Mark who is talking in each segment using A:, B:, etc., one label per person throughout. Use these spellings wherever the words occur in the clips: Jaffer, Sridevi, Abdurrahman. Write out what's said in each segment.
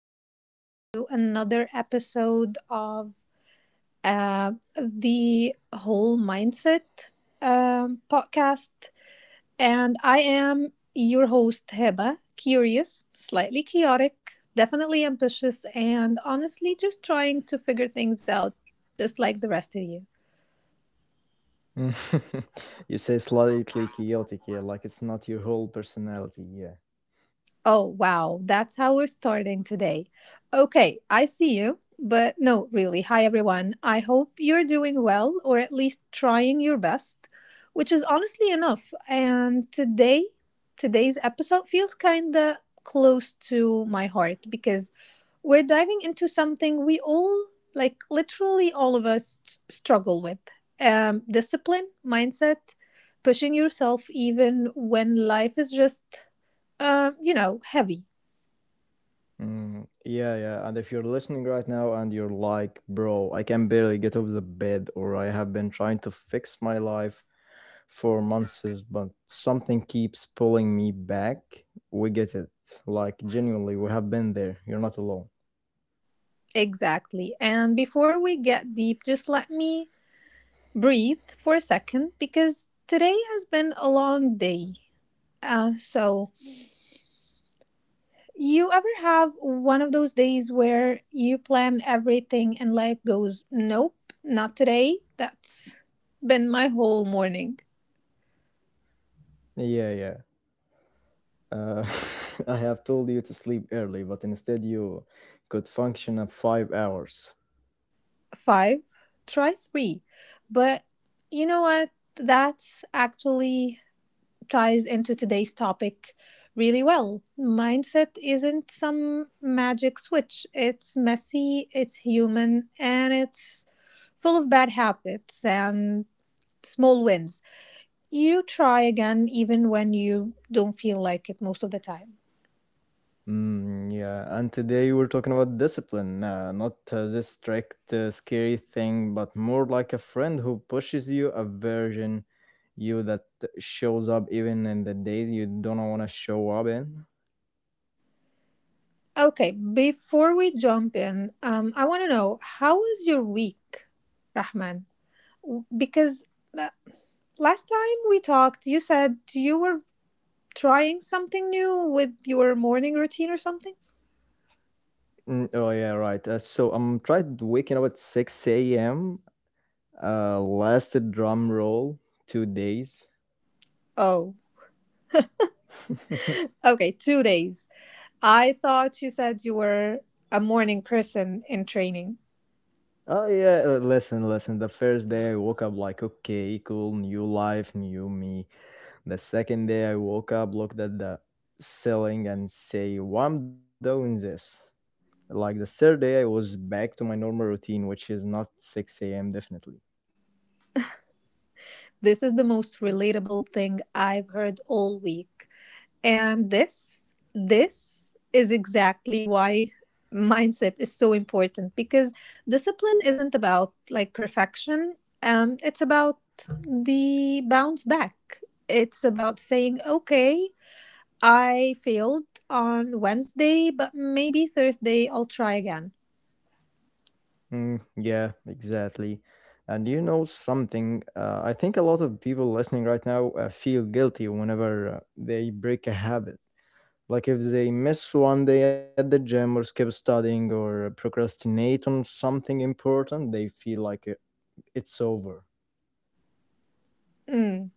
A: welcome back to another episode of uh, the Whole Mindset podcast. And I am your host, Heba, curious, slightly chaotic, definitely ambitious, and honestly just trying to figure things out just like the rest of you.
B: Mm. You say slightly chaotic, yeah, like it's not your whole personality, yeah.
A: Oh, wow. That's how we're starting today. Okay, I see you. But no, really. Hi, everyone. I hope you're doing well, or at least trying your best, which is honestly enough. And today's episode feels kind of close to my heart because we're diving into something we all, like literally all of us, struggle with discipline, mindset, pushing yourself even when life is just you know, heavy.
B: Mm, yeah, yeah. And if you're listening right now and you're like, bro, I can barely get off the bed, or I have been trying to fix my life for months, but something keeps pulling me back, we get it. Like, genuinely, we have been there. You're not alone.
A: Exactly. And before we get deep, just let me breathe for a second because today has been a long day. So, you ever have one of those days where you plan everything and life goes, nope, not today? That's been my whole morning.
B: Yeah, yeah. Uh, I have told you to sleep early, but instead you could function at 5 hours.
A: Five, try three. But you know what? That's actually ties into today's topic really well. Mindset isn't some magic switch, it's messy, it's human, and it's full of bad habits and small wins. You try again even when you don't feel like it most of the time.
B: Mm, yeah, and today we're talking about discipline, not this strict, scary thing, but more like a friend who pushes you, a version you that shows up even in the days you don't want to show up in.
A: Okay, before we jump in, I want to know how was your week, Rahman? Because uh, last time we talked, you said you were trying something new with your morning routine or something?
B: Mm, oh yeah, right. So I'm tried waking up at 6 a.m. Lasted drum roll 2 days.
A: Oh, okay, 2 days. I thought you said you were a morning person in training.
B: Oh yeah, listen, listen. The first day I woke up like, okay, cool, new life, new me. The second day I woke up, looked at the ceiling and say, why I'm doing this? Like the third day I was back to my normal routine, which is not 6 a.m. definitely.
A: This is the most relatable thing I've heard all week. And this is exactly why mindset is so important because discipline isn't about like perfection. It's about the bounce back. It's about saying, okay, I failed on Wednesday, but maybe Thursday I'll try again.
B: Mm, yeah, exactly. And you know something, I think a lot of people listening right now feel guilty whenever they break a habit. Like if they miss one day at the gym or skip studying or procrastinate on something important, they feel like it's over.
A: Mm.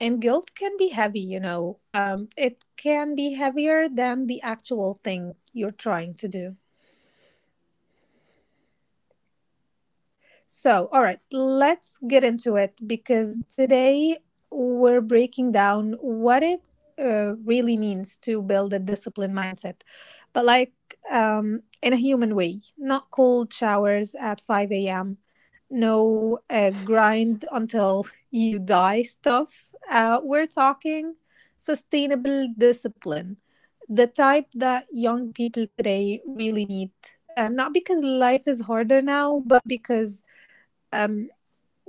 A: And guilt can be heavy, you know. It can be heavier than the actual thing you're trying to do. So, all right, let's get into it because today we're breaking down what it really means to build a disciplined mindset, but like in a human way, not cold showers at 5 a.m., no grind until you die stuff. We're talking sustainable discipline, the type that young people today really need. Not because life is harder now, but because um,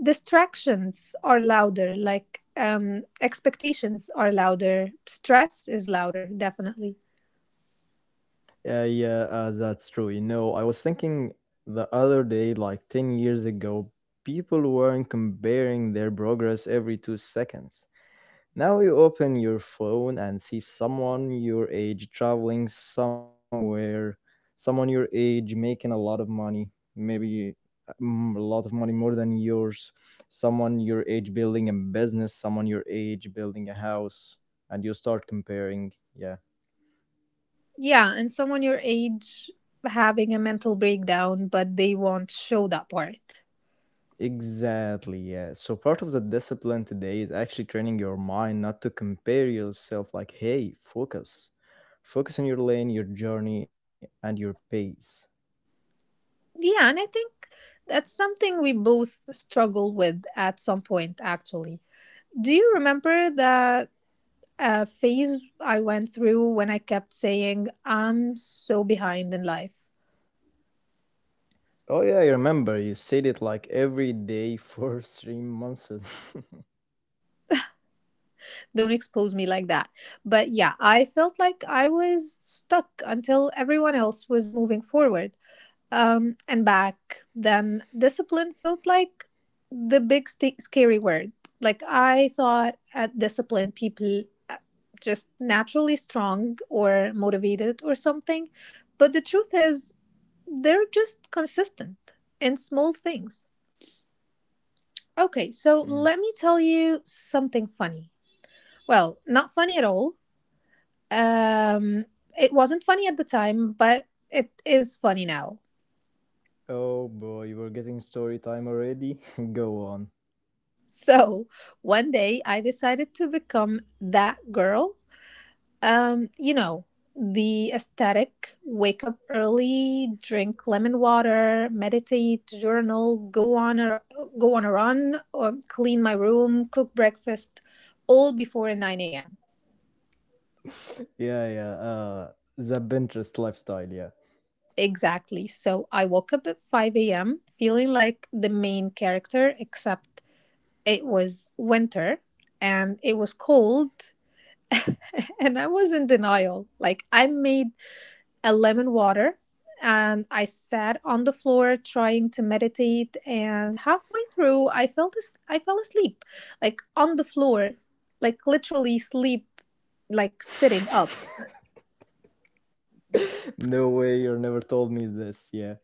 A: distractions are louder, like expectations are louder, stress is louder, definitely.
B: Yeah, yeah, that's true. You know, I was thinking the other day, like 10 years ago, people weren't comparing their progress every 2 seconds. Now you open your phone and see someone your age traveling somewhere, someone your age making a lot of money, maybe a lot of money more than yours, someone your age building a business, someone your age building a house, and you start comparing. Yeah.
A: Yeah, and someone your age having a mental breakdown, but they won't show that part.
B: Exactly, yeah. So part of the discipline today is actually training your mind not to compare yourself, like, hey, focus. Focus on your lane, your journey, and your pace.
A: Yeah, and I think that's something we both struggle with at some point, actually. Do you remember that phase I went through when I kept saying, I'm so behind in life?
B: Oh yeah, I remember you said it like every day for 3 months.
A: Don't expose me like that. But yeah, I felt like I was stuck until everyone else was moving forward and back. Then discipline felt like the big scary word. Like I thought at discipline, people uh, just naturally strong or motivated or something. But the truth is, they're just consistent in small things. Okay, so
B: Mm.
A: let me tell you something funny. Well, not funny at all, Um, it wasn't funny at the time, but it is funny now.
B: Oh boy, we're getting story time already. Go on.
A: So one day I decided to become that girl. You know, the aesthetic wake up early, drink lemon water, meditate, journal, go on a run, or clean my room, cook breakfast, all before 9 a.m.
B: Yeah, yeah. The Pinterest lifestyle. Yeah.
A: Exactly. So I woke up at 5 a.m. feeling like the main character, except it was winter and it was cold and I was in denial. Like I made a lemon water and I sat on the floor trying to meditate and halfway through I fell asleep like on the floor like literally sleep like sitting up
B: No way, you never told me this. Yeah.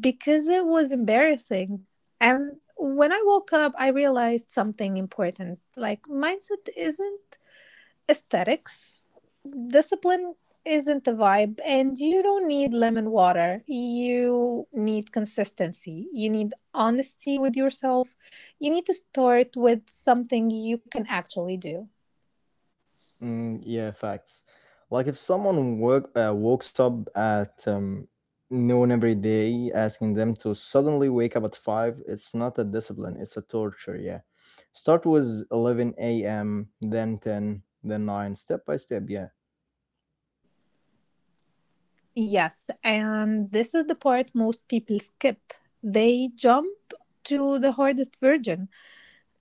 A: because it was embarrassing. And when I woke up I realized something important, like mindset isn't aesthetics. Discipline isn't the vibe, and you don't need lemon water. You need consistency. You need honesty with yourself. You need to start with something you can actually do.
B: Mm, yeah, facts. Like if someone woke wakes up at noon every day, asking them to suddenly wake up at five, it's not a discipline; it's a torture. Yeah, start with 11 a.m., then 10, then nine, step by step. Yeah.
A: Yes, and this is the part most people skip. They jump to the hardest version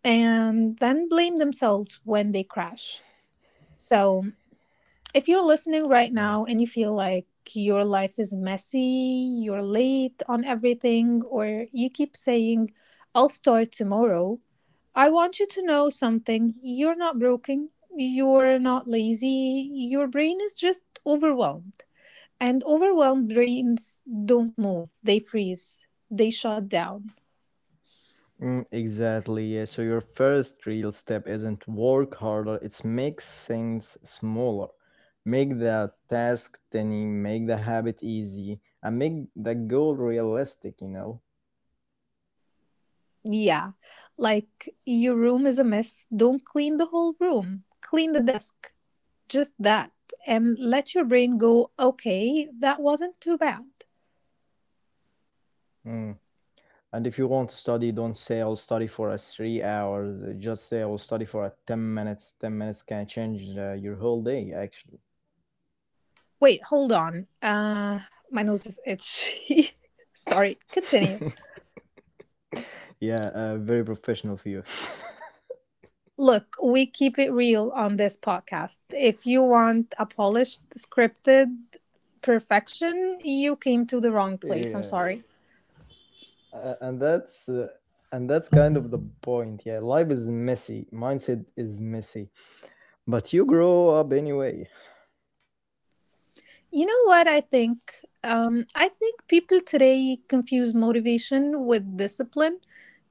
A: and then blame themselves when they crash. So, if you're listening right
B: Mm.
A: now and you feel like your life is messy, you're late on everything, or you keep saying, I'll start tomorrow, I want you to know something. You're not broken, you're not lazy, your brain is just overwhelmed. And overwhelmed brains don't move, they freeze, they shut down.
B: Mm, exactly. Yeah. So your first real step isn't work harder; it's make things smaller, make the task tiny, make the habit easy, and make the goal realistic. You know.
A: Yeah, like your room is a mess, don't clean the whole room, clean the desk, just that, and let your brain go, okay, that wasn't too bad.
B: Mm. And if you want to study, don't say I'll study for 3 hours. Just say I'll study for 10 minutes. 10 minutes can change your whole day, actually.
A: Wait, hold on. My nose is itchy. Sorry, continue.
B: Yeah, very professional for you.
A: Look, we keep it real on this podcast. If you want a polished, scripted perfection, you came to the wrong place. I'm
B: Yeah.
A: sorry.
B: Uh, and that's. Uh, and that's kind of the point. Yeah, life is messy. Mindset is messy. But you grow up anyway.
A: You know what I think? I think people today confuse motivation with discipline.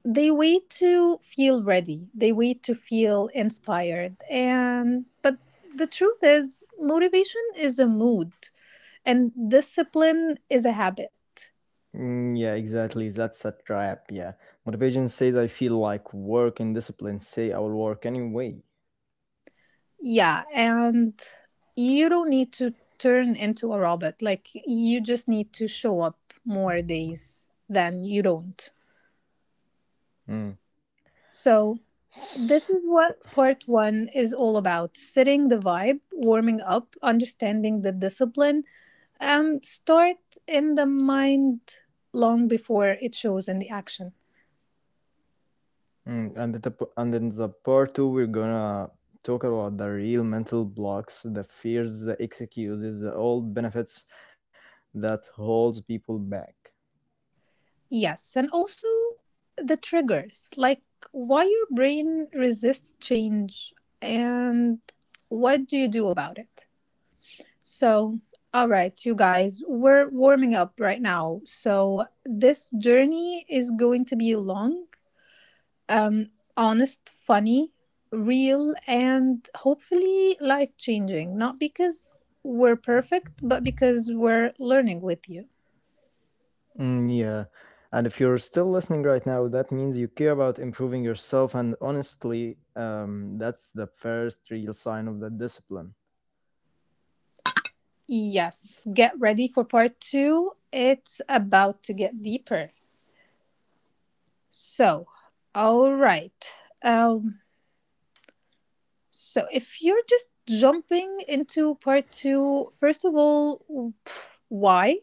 A: They wait to feel ready. They wait to feel inspired. And but the truth is, motivation is a mood, and discipline is a habit.
B: Mm, yeah, exactly. That's a trap. Yeah. Motivation says I feel like work, and discipline say I will work anyway.
A: Yeah, and you don't need to turn into a robot. Like you just need to show up more days than you don't.
B: Mm.
A: So this is what part one is all about, setting the vibe, warming up, understanding the discipline. Start in the mind long before it shows in the action.
B: Mm, and in the part two, we're gonna talk about the real mental blocks, the fears, the excuses, the old benefits that holds people back.
A: Yes, and also the triggers, like why your brain resists change and what do you do about it. So, all right, you guys, we're warming up right now. So, this journey is going to be long, um, honest, funny, real, and hopefully life changing. Not because we're perfect, but because we're learning with you.
B: Mm, yeah, and if you're still listening right now, that means you care about improving yourself, and honestly, that's the first real sign of the discipline.
A: Yes, get ready for part two. It's about to get deeper. So, all right. Um, if you're just jumping into part two, first of all, why?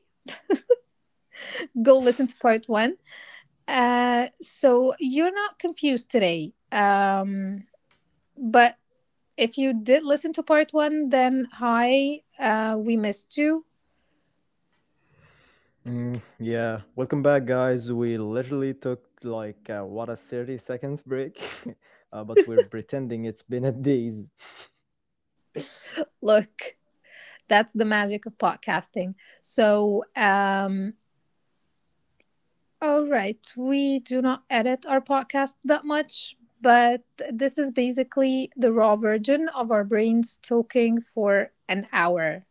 A: Go listen to part one. So, you're not confused today. But if you did listen to part one, then hi, we missed you.
B: Mm, yeah, welcome back, guys. We literally took like what a 30 seconds break, but we're pretending it's been a days.
A: Look, that's the magic of podcasting. So, um, all right, we do not edit our podcast that much, but this is basically the raw version of our brains talking for an hour.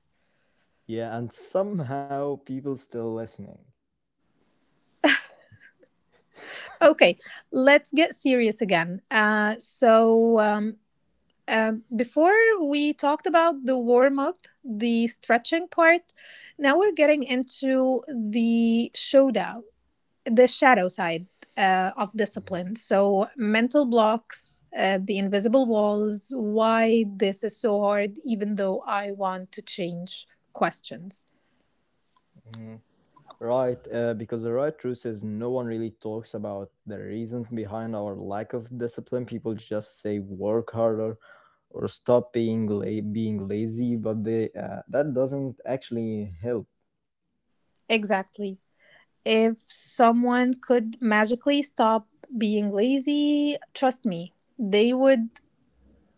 B: Yeah, and somehow people still listening.
A: Okay, let's get serious again. Before we talked about the warm up, the stretching part. Now we're getting into the showdown, the shadow side of
B: Mhm.
A: discipline. So, mental blocks, the invisible walls, why this is so hard, even though I want to change questions.
B: Mhm. Right, because the right truth is no one really talks about the reasons behind our lack of discipline. People just say work harder or stop being being lazy, but they that doesn't actually help.
A: Exactly. If someone could magically stop being lazy, trust me, they would,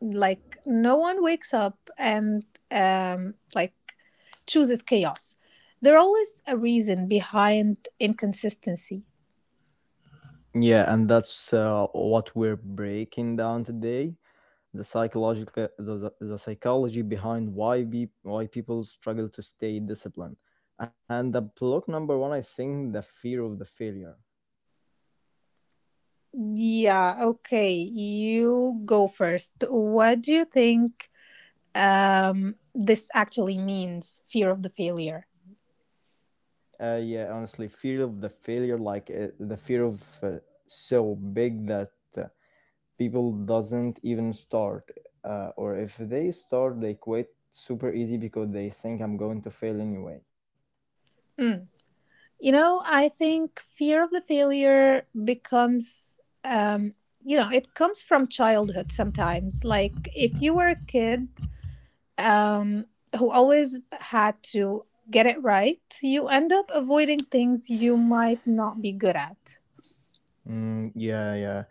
A: like no one wakes up and um, like chooses chaos. There's always a reason behind inconsistency.
B: Yeah, and that's what we're breaking down today. The psychology behind why people struggle to stay disciplined, and the block number one, I think, the fear of the failure.
A: Yeah, okay, you go first. What do you think this actually means? Fear of the failure.
B: Yeah, honestly, fear of the failure, like the fear of so big that uh, people doesn't even start, or if they start they quit super easy because they think I'm going to fail anyway.
A: Mm. You know, I think fear of the failure um, you know, it comes from childhood sometimes. Like if you were a kid um, who always had to get it right, you end up avoiding things you might not be good at.
B: Mm, yeah, yeah.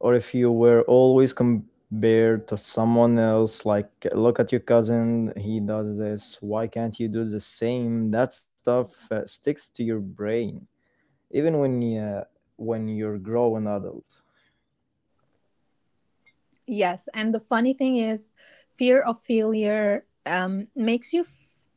B: Or if you were always compared to someone else, like, look at your cousin, he does this, why can't you do the same? That stuff sticks to your brain even when when you're growing adult.
A: Yes. And the funny thing is, fear of failure makes you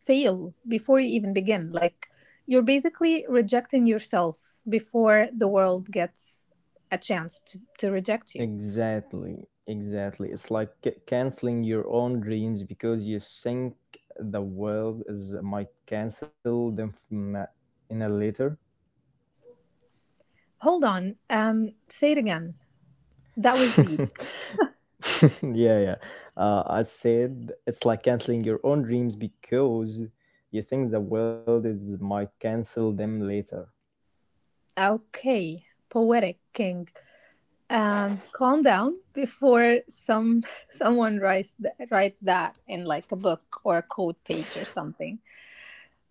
A: fail before you even begin. Like, you're basically rejecting yourself before the world gets a chance to reject you.
B: Exactly, exactly. It's like canceling your own dreams because you think the world is might cancel them in a later.
A: Hold on. Say it again. That was deep.
B: Yeah, yeah. I said it's like canceling your own dreams because you think the world is might cancel them later.
A: Okay. Poetic King. Calm down before some someone write that in like a book or a code page or something.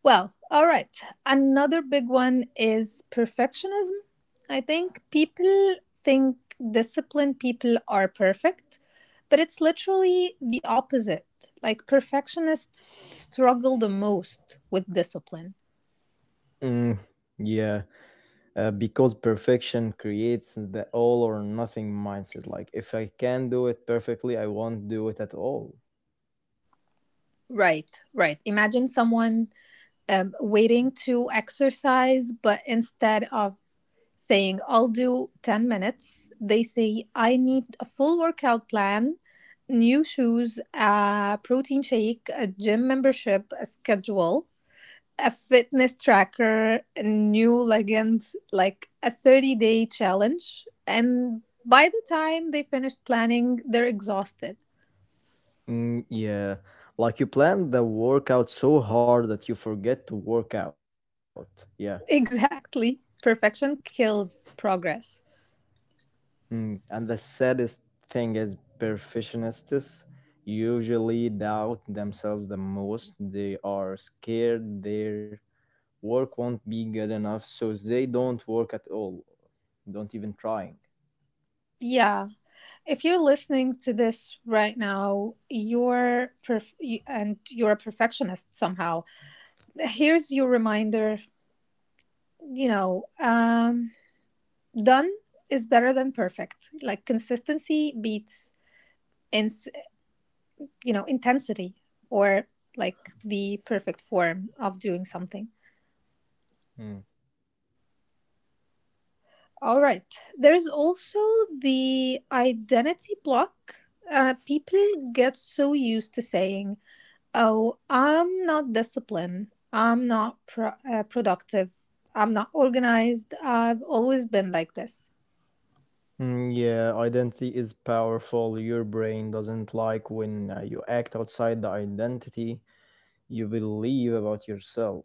A: Well, all right, another big one is perfectionism. I think people think disciplined people are perfect, but it's literally the opposite. Like perfectionists struggle the most with discipline.
B: Mm, yeah, because perfection creates the all or nothing mindset. Like if I can do it perfectly, I won't do it at all.
A: Right, right, imagine someone waiting to exercise, but instead of saying, I'll do 10 minutes. They say, I need a full workout plan, new shoes, a protein shake, a gym membership, a schedule, a fitness tracker, new leggings, like a 30-day challenge. And by the time they finished planning, they're exhausted.
B: Mm, yeah, like you plan the workout so hard that you forget to work out. Yeah.
A: Exactly. Perfection kills progress.
B: Mm. And the saddest thing is perfectionists usually doubt themselves the most. They are scared their work won't be good enough, so they don't work at all, don't even trying.
A: Yeah. If you're listening to this right now, and you're a perfectionist somehow, here's your reminder. You know, done is better than perfect. Like consistency beats ins you know, intensity, or like the perfect form of doing something.
B: Mm.
A: All right, there's also the identity block. People get so used to saying, oh, I'm not disciplined. I'm not productive. I'm not organized. I've always been like this.
B: Mm, yeah, identity is powerful. Your brain doesn't like when you act outside the identity you believe about yourself.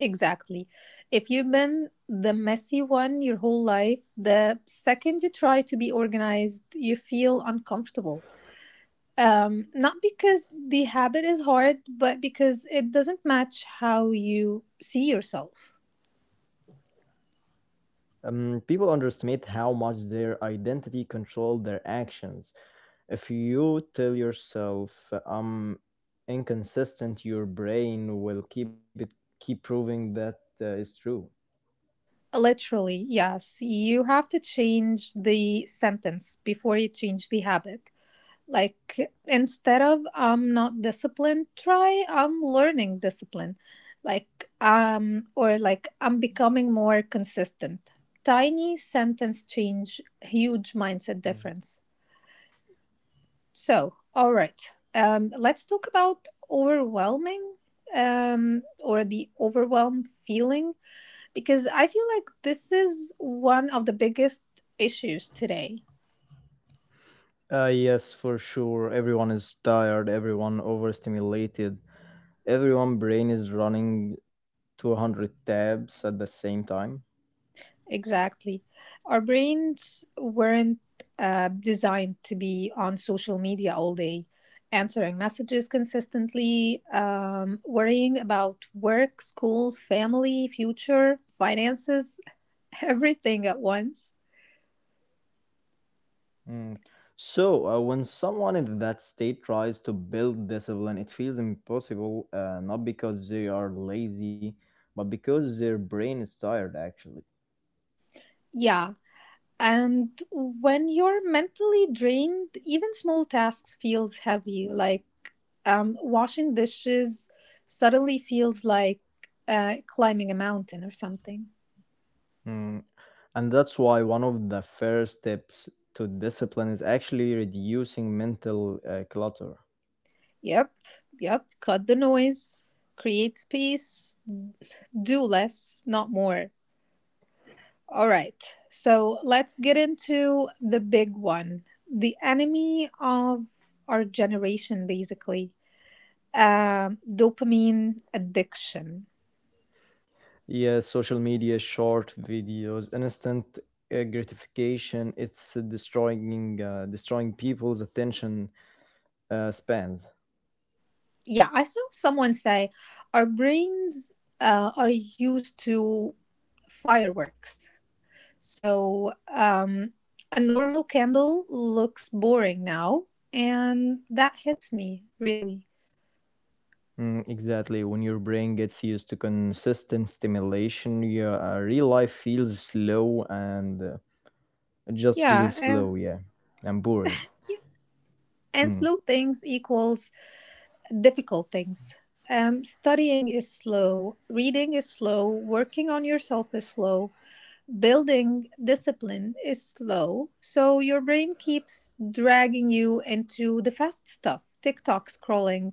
A: Exactly. If you've been the messy one your whole life, the second you try to be organized, you feel uncomfortable. Not because the habit is hard, but because it doesn't match how you see yourself.
B: People underestimate how much their identity controls their actions. If you tell yourself I'm inconsistent, your brain will keep proving that is true.
A: Literally, yes. You have to change the sentence before you change the habit, like instead of I'm not disciplined, try I'm learning discipline, or like I'm becoming more consistent. Tiny sentence change, huge mindset
B: Mm.
A: difference. So, all right, let's talk about overwhelming or the overwhelm feeling, because I feel like this is one of the biggest issues today.
B: Yes, for sure. Everyone is tired. Everyone overstimulated. Everyone brain is running 200 tabs at the same time.
A: Exactly. Our brains weren't designed to be on social media all day, answering messages consistently, worrying about work, school, family, future, finances, everything at once.
B: Mm. So when someone in that state tries to build discipline, it feels impossible. Not because they are lazy, but because their brain is tired. Actually.
A: Yeah. And when you're mentally drained, even small tasks feels heavy, like washing dishes suddenly feels like climbing a mountain or something.
B: Mm, and that's why one of the first steps to discipline is actually reducing mental clutter.
A: Yep, yep. Cut the noise, create space, do less, not more. All right, so let's get into the big one, the enemy of our generation, basically dopamine addiction.
B: Yes, social media, short videos, instant gratification, it's destroying destroying people's attention spans.
A: Yeah, I saw someone say our brains are used to fireworks. So a normal candle looks boring now, and that hits me really.
B: Mm, exactly. When your brain gets used to consistent stimulation, your real life feels slow, and it just
A: Yeah,
B: feels
A: uh,
B: slow, yeah, and boring.
A: and
B: Mm.
A: slow things equals difficult things. Studying is slow, reading is slow, working on yourself is slow, building discipline is slow. So your brain keeps dragging you into the fast stuff, TikTok scrolling,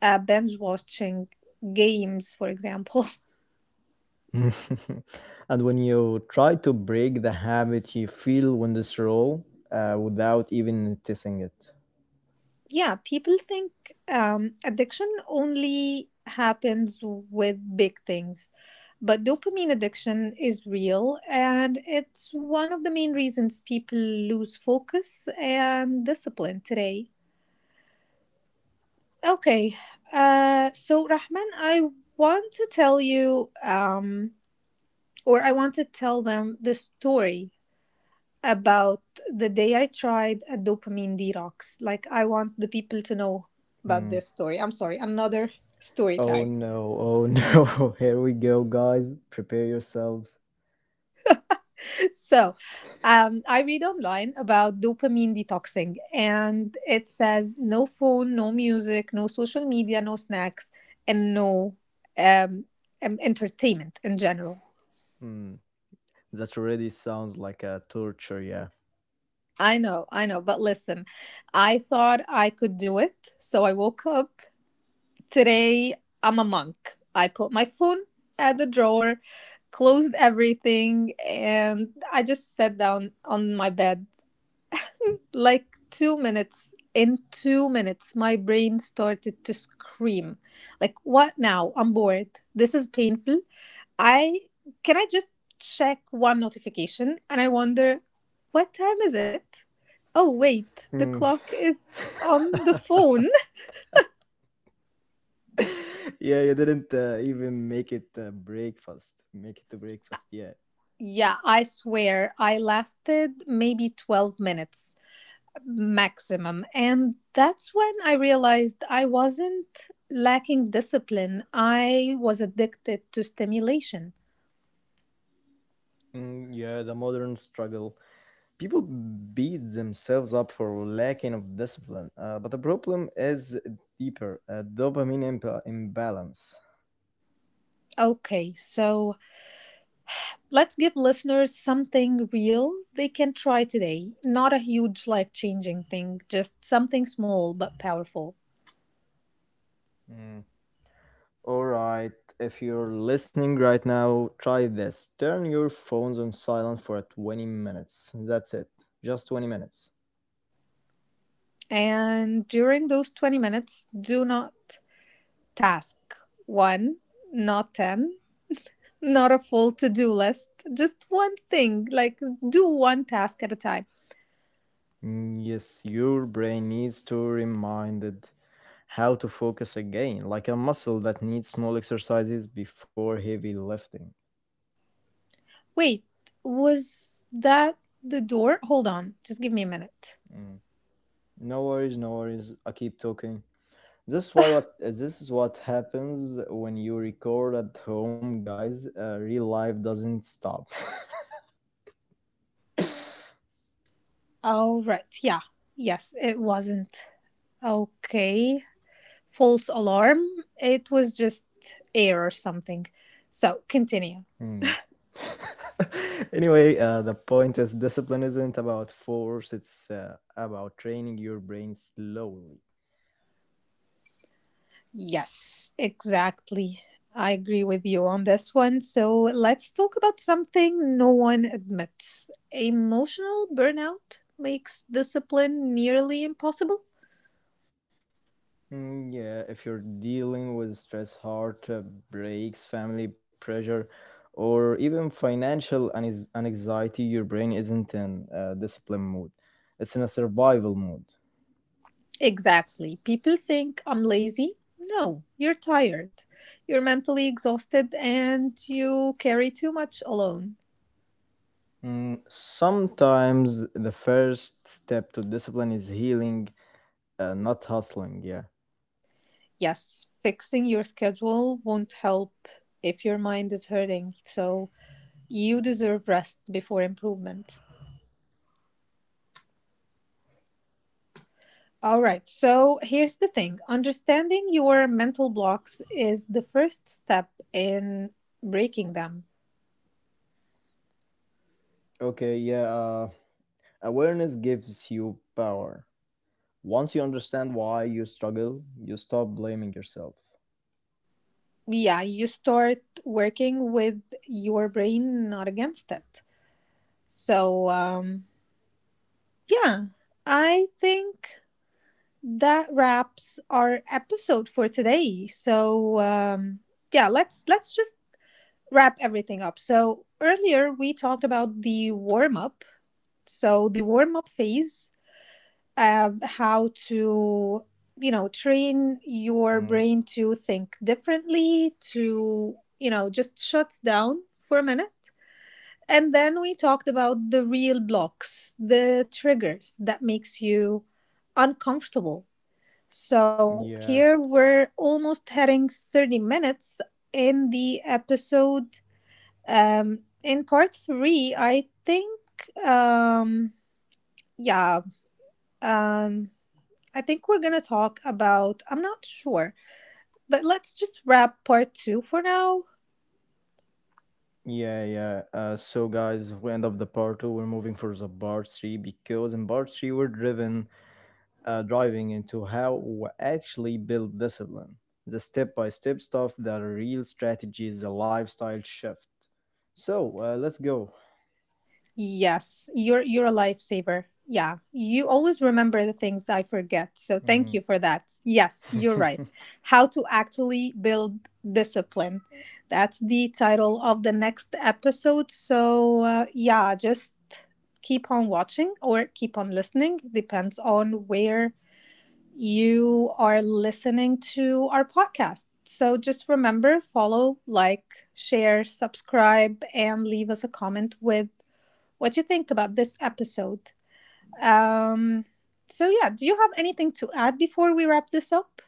A: binge watching games, for example.
B: And when you try to break the habit, you feel when this roll without even noticing it.
A: Yeah, people think addiction only happens with big things, but dopamine addiction is real, and it's one of the main reasons people lose focus and discipline today. Okay, so Rahman, want to tell you um, I want to tell them the story about the day I tried a dopamine detox. Like, I want the people to know about
B: Mm.
A: this story. I'm sorry, another story
B: Oh
A: time.
B: no, oh no, here we go, guys. Prepare yourselves.
A: So, I read online about dopamine detoxing, and it says no phone, no music, no social media, no snacks, and no um, entertainment in general.
B: Hmm. That already sounds like a torture, yeah.
A: I know, but listen, I thought I could do it. So I woke up today, I'm a monk. I put my phone at the drawer, closed everything, and I just sat down on my bed. Like 2 minutes, in 2 minutes, my brain started to scream. Like, what now? I'm bored. This is painful. I can I just check one notification? And I wonder, what time is it? Oh, wait, the
B: Hmm.
A: clock is on the phone.
B: Yeah, you didn't even make it to breakfast, yeah.
A: Yeah, I swear I lasted maybe 12 minutes maximum. And that's when I realized I wasn't lacking discipline, I was addicted to stimulation.
B: Mm, yeah, the modern struggle. People beat themselves up for lacking of discipline, but the problem is deeper, a dopamine imbalance.
A: Okay, so let's give listeners something real they can try today. Not a huge life changing thing, just something small but powerful.
B: Mm. All right, if you're listening right now, try this: turn your phones on silent for 20 minutes. That's it, just 20 minutes.
A: And during those 20 minutes, do not task one, not 10, not a full to do list, just one thing, like do one task at a time.
B: Mm, yes, your brain needs to reminded how to focus again, like a muscle that needs small exercises before heavy lifting.
A: Wait, was that the door? Hold on, just give me a minute.
B: Mm. No worries, no worries, I keep talking. This is what happens when you record at home, guys. Real life doesn't stop.
A: All right, yeah, yes, it wasn't. Okay, false alarm. It was just air or something. So continue.
B: Hmm. Anyway, the point is discipline isn't about force. It's about training your brain slowly.
A: Yes, exactly. I agree with you on this one. So let's talk about something no one admits. Emotional burnout makes discipline nearly impossible.
B: Mm, yeah, if you're dealing with stress, heart breaks, family pressure, or even financial anxiety, your brain isn't in discipline mode. It's in a survival mode.
A: Exactly. People think I'm lazy. No, you're tired. You're mentally exhausted and you carry too much alone.
B: Mm, sometimes the first step to discipline is healing, not hustling. Yeah.
A: Yes, fixing your schedule won't help if your mind is hurting. So you deserve rest before improvement. All right. So here's the thing, understanding your mental blocks is the first step in breaking them.
B: Okay. Yeah. Awareness gives you power. Once you understand why you struggle, you stop blaming yourself.
A: Yeah, you start working with your brain, not against it. So, yeah, I think that wraps our episode for today. So, yeah, let's just wrap everything up. So earlier we talked about the warm up. So the warm up phase, how to, you know, train your
B: Mm,
A: brain to think differently, to, you know, just shut down for a minute, and then we talked about the real blocks, the triggers that makes you uncomfortable. So
B: yeah.
A: here we're almost heading 30 minutes in the episode, in part 3, um yeah um I think we're going to talk about, I'm not sure, but let's just wrap part two for now.
B: Yeah. Yeah. So, guys, we end up the part two. We're moving for the part three because in part three, we're driven driving into how we actually build discipline, the step by step stuff, the real strategies, the lifestyle shift. So let's go.
A: You're a lifesaver. Yeah, you always remember the things I forget. So thank you
B: Mm.
A: for that. Yes, you're right. How to actually build discipline. That's the title of the next episode. So, yeah, just keep on watching or keep on listening. Depends on where you are listening to our podcast. So just remember, follow, like, share, subscribe, and leave us a comment with what you think about this episode. Um, so yeah, do you have anything to add before we wrap this up?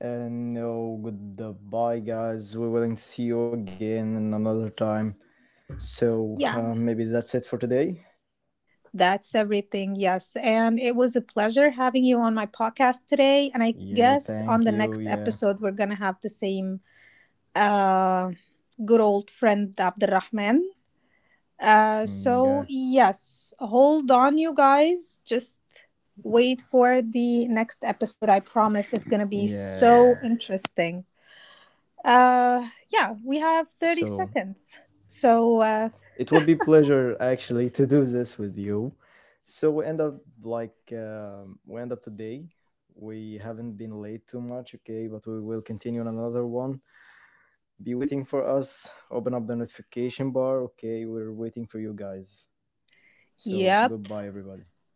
B: And no, goodbye, guys. We're willing to see you again in another time. So
A: Yeah.
B: maybe that's it for today.
A: That's everything, yes. And it was a pleasure having you on my podcast today. And I
B: Yeah,
A: guess on
B: thank
A: the
B: you.
A: next
B: Yeah.
A: episode, we're going to have the same uh, good old friend, Abdurrahman. Uh,
B: Mm, yeah,
A: so yes, hold on, you guys. Just wait for the next episode. I promise it's gonna be
B: yeah,
A: so
B: yeah.
A: interesting. Yeah, we have thirty
B: So.
A: seconds. So uh,
B: It would be pleasure actually to do this with you. So we end up like we end up today. We haven't been late too much, okay? But we will continue on another one. Be waiting for us. Open up the notification bar, okay? We're waiting for you guys. So
A: yep.
B: goodbye, everybody.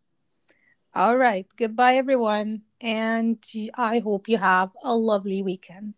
A: All right. Goodbye, everyone, and I hope you have a lovely weekend.